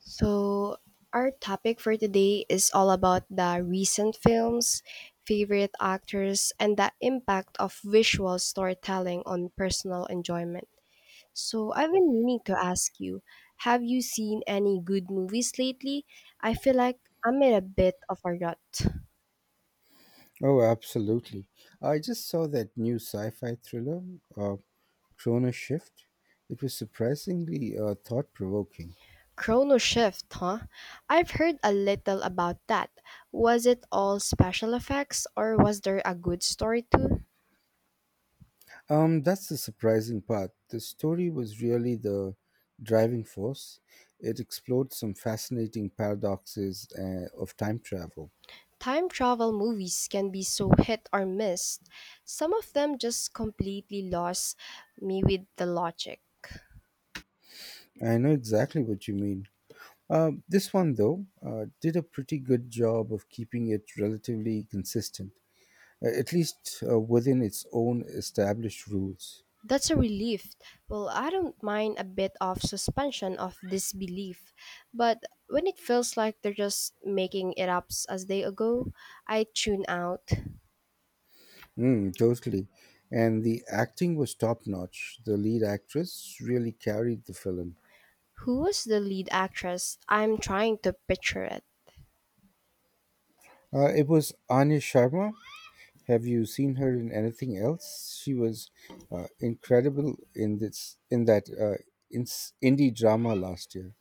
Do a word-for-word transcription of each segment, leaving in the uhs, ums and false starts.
So, our topic for today is all about the recent films, favorite actors, and the impact of visual storytelling on personal enjoyment. So, I've been meaning to ask you, have you seen any good movies lately? I feel like I'm in a bit of a rut. Oh, absolutely. I just saw that new sci fi thriller, uh, Chrono Shift. It was surprisingly uh, thought provoking. Chrono Shift, huh? I've heard a little about that. Was it all special effects or was there a good story too? Um, that's the surprising part. The story was really the driving force. It explored some fascinating paradoxes uh, of time travel. Time travel movies can be so hit or miss. Some of them just completely lost me with the logic. I know exactly what you mean. Uh, this one, though, uh, did a pretty good job of keeping it relatively consistent, uh, at least uh, within its own established rules. That's a relief. Well, I don't mind a bit of suspension of disbelief, but when it feels like they're just making it up as they go, I tune out. Mm, totally. And the acting was top notch. The lead actress really carried the film. Who was the lead actress? I'm trying to picture it. Uh, it was Anya Sharma. Have you seen her in anything else? She was uh, incredible in this in that uh, in indie drama last year,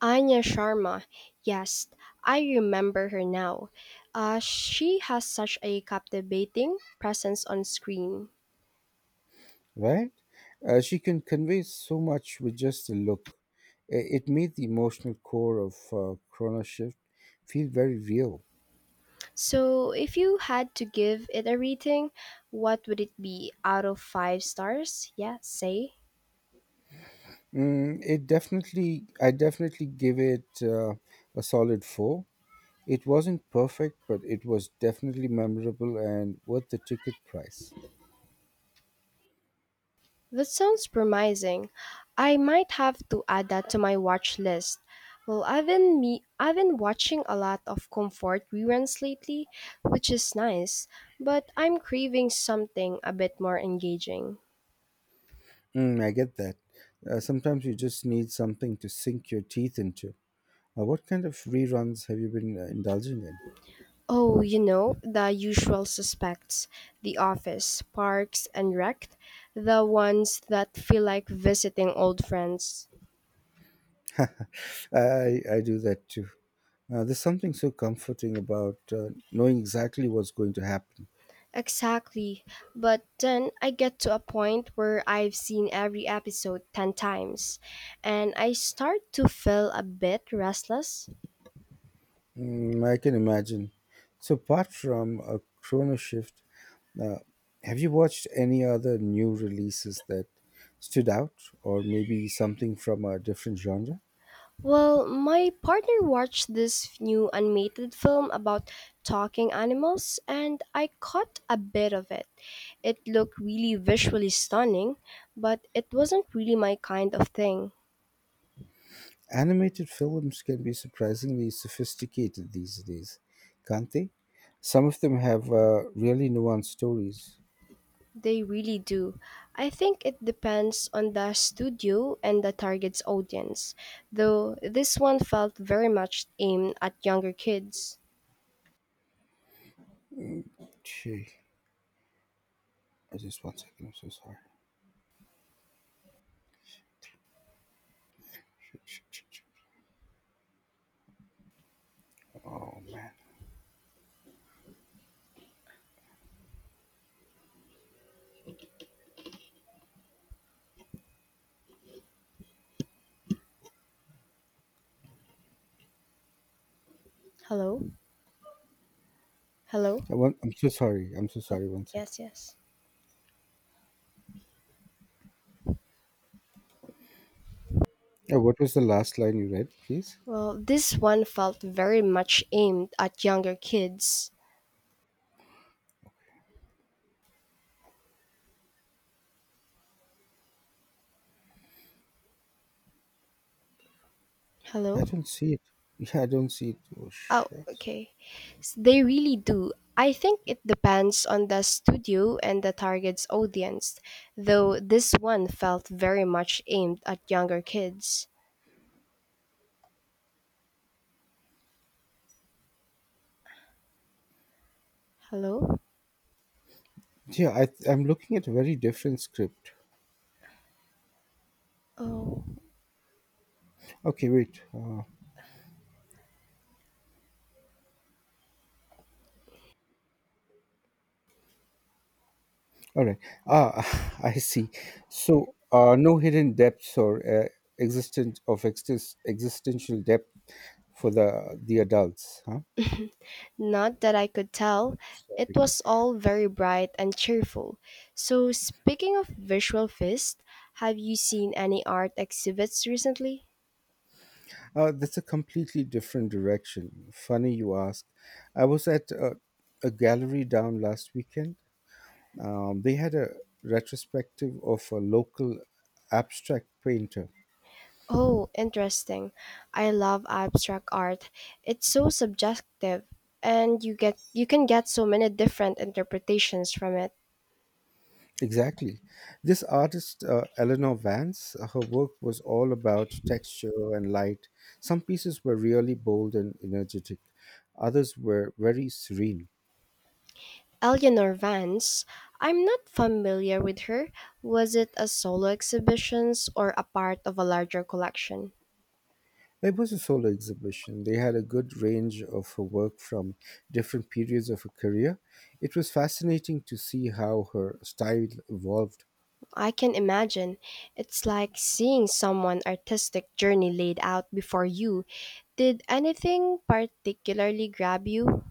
Anya Sharma. Yes, I remember her now. Uh, she has such a captivating presence on screen. right? Uh, she can convey so much with just a look. I- It made the emotional core of uh, Chrono Shift feel very real. So, if you had to give it a rating, what would it be out of five stars? Yeah, say. Mm, it definitely, I definitely give it uh, a solid four. It wasn't perfect, but it was definitely memorable and worth the ticket price. That sounds promising. I might have to add that to my watch list. Well, I've been me I've been watching a lot of comfort reruns lately, which is nice, but I'm craving something a bit more engaging. Mm, I get that. Uh, sometimes you just need something to sink your teeth into. Uh, what kind of reruns have you been uh, indulging in? Oh, you know, the usual suspects, The Office, Parks and Rec, the ones that feel like visiting old friends. I, I do that too. Uh, there's something so comforting about uh, knowing exactly what's going to happen. Exactly. But then I get to a point where I've seen every episode ten times and I start to feel a bit restless. Mm, I can imagine. So, apart from a chrono shift, Uh, have you watched any other new releases that stood out, or maybe something from a different genre? Well, my partner watched this new animated film about talking animals and I caught a bit of it. It looked really visually stunning, but it wasn't really my kind of thing. Animated films can be surprisingly sophisticated these days, can't they? Some of them have uh, really nuanced stories. They really do. I think it depends on the studio and the target's audience, though this one felt very much aimed at younger kids. Gee, I just one second. I'm so sorry. Shit, shit, shit, shit. Oh man, Hello? Hello? I want, I'm so sorry. I'm so sorry. One second. Yes, yes. Uh, what was the last line you read, please? Well, this one felt very much aimed at younger kids. I Hello? don't see it. Yeah, I don't see it. Oh Oh, shit. okay. S- They really do. I think it depends on the studio and the target's audience, though this one felt very much aimed at younger kids. Hello? Yeah, I, th- I'm looking at a very different script. Oh. Okay, wait. Uh, all right. Ah, I see. So, uh, no hidden depths or uh, existence of exist- existential depth for the the adults, huh? Not that I could tell. It Sorry. was all very bright and cheerful. So, speaking of visual feast, have you seen any art exhibits recently? Uh, that's a completely different direction. Funny you ask. I was at a, a gallery down last weekend. Um, they had a retrospective of a local abstract painter. Oh, interesting. I love abstract art. It's so subjective and you get you can get so many different interpretations from it. Exactly. This artist, uh, Eleanor Vance, uh, her work was all about texture and light. Some pieces were really bold and energetic, others were very serene. Eleanor Vance, I'm not familiar with her. Was it a solo exhibitions or a part of a larger collection? It was a solo exhibition. They had a good range of her work from different periods of her career. It was fascinating to see how her style evolved. I can imagine. It's like seeing someone artistic journey laid out before you. Did anything particularly grab you?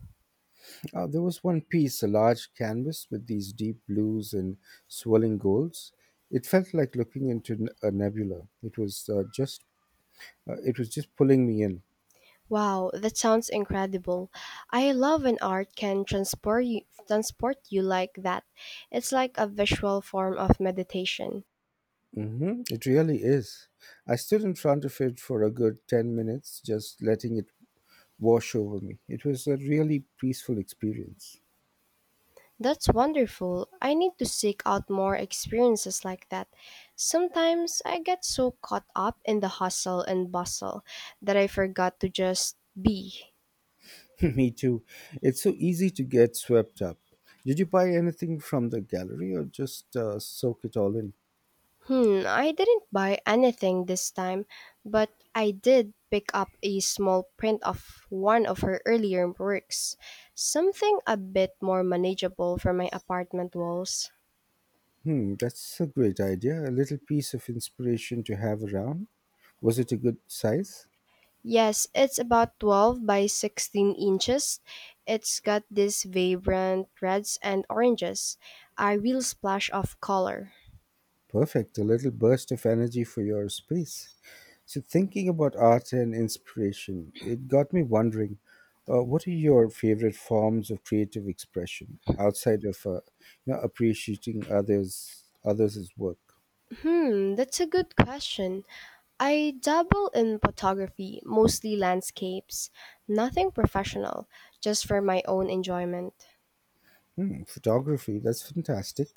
Uh, there was one piece, a large canvas with these deep blues and swirling golds. It felt like looking into n- a nebula. It was uh, just Uh, it was just pulling me in. Wow, that sounds incredible. I love when art can transport you, transport you like that. It's like a visual form of meditation. hmm It really is. I stood in front of it for a good ten minutes, just letting it wash over me. It was a really peaceful experience. That's wonderful. I need to seek out more experiences like that. Sometimes I get so caught up in the hustle and bustle that I forgot to just be. Me too. It's so easy to get swept up. Did you buy anything from the gallery or just uh, soak it all in? Hmm, I didn't buy anything this time, but I did pick up a small print of one of her earlier works, something a bit more manageable for my apartment walls. Hmm, that's a great idea. A little piece of inspiration to have around. Was it a good size? Yes, it's about twelve by sixteen inches. It's got these vibrant reds and oranges, a real splash of color. Perfect. A little burst of energy for your space. So, thinking about art and inspiration, it got me wondering uh, what are your favorite forms of creative expression outside of uh, you know, appreciating others others' work? Hmm, that's a good question. I dabble in photography, mostly landscapes, nothing professional, just for my own enjoyment. Hmm, photography, that's fantastic.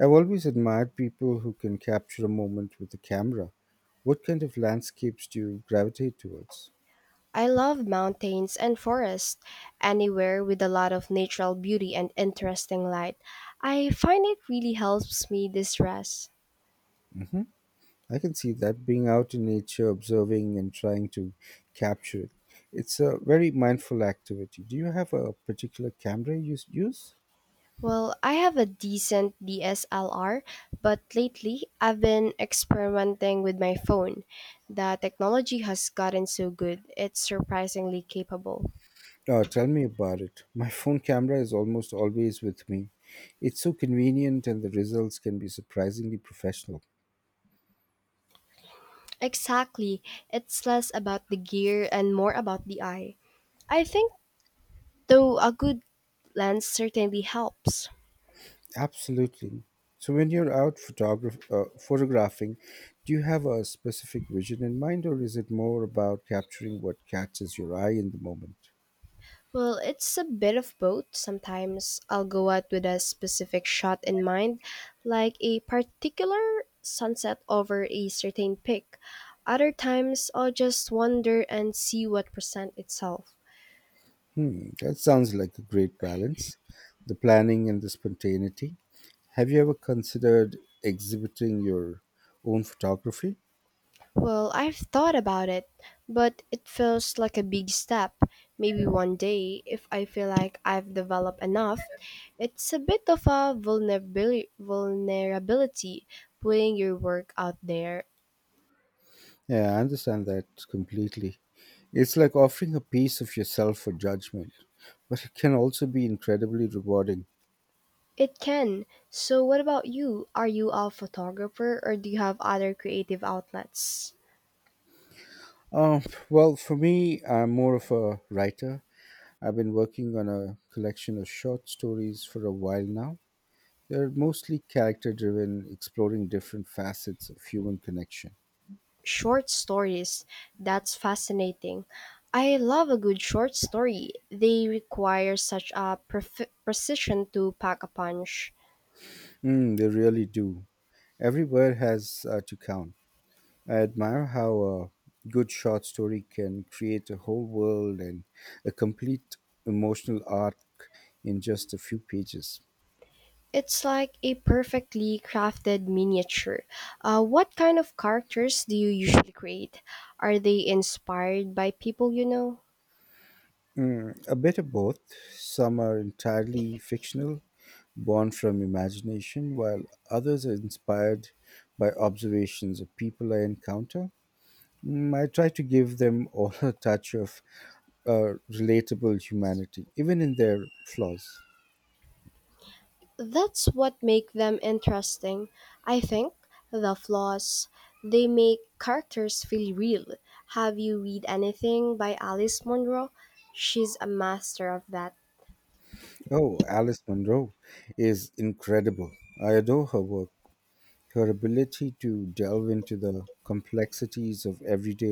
I've always admired people who can capture a moment with a camera. What kind of landscapes do you gravitate towards? I love mountains and forests, anywhere with a lot of natural beauty and interesting light. I find it really helps me distress. I can see that being out in nature, observing and trying to capture it. It's a very mindful activity. Do you have a particular camera you s- use? Well, I have a decent D S L R, but lately I've been experimenting with my phone. The technology has gotten so good, it's surprisingly capable. Oh, tell me about it. My phone camera is almost always with me. It's so convenient and the results can be surprisingly professional. Exactly. It's less about the gear and more about the eye. I think, though, a good lens certainly helps. Absolutely. So when you're out photograph- uh, photographing, do you have a specific vision in mind or is it more about capturing what catches your eye in the moment? Well, it's a bit of both. Sometimes I'll go out with a specific shot in mind, like a particular sunset over a certain peak. Other times I'll just wander and see what presents itself. Hmm, that sounds like a great balance, the planning and the spontaneity. Have you ever considered exhibiting your own photography? Well, I've thought about it, but it feels like a big step. Maybe one day, if I feel like I've developed enough. It's a bit of a vulnerabili- vulnerability putting your work out there. Yeah, I understand that completely. It's like offering a piece of yourself for judgment, but it can also be incredibly rewarding. It can. So, what about you? Are you a photographer or do you have other creative outlets? Uh, well, for me, I'm more of a writer. I've been working on a collection of short stories for a while now. They're mostly character driven, exploring different facets of human connection. Short stories. That's fascinating. I love a good short story. They require such a pref- precision to pack a punch. Mm, they really do. Every word has uh, to count. I admire how a good short story can create a whole world and a complete emotional arc in just a few pages. It's like a perfectly crafted miniature. Uh, what kind of characters do you usually create? Are they inspired by people you know? Mm, a bit of both. Some are entirely fictional, born from imagination, while others are inspired by observations of people I encounter. Mm, I try to give them all a touch of uh, relatable humanity, even in their flaws. That's what make them interesting. I think the flaws, they make characters feel real. Have you read anything by Alice Munro? She's a master of that. Oh, Alice Munro is incredible. I adore her work. Her ability to delve into the complexities of everyday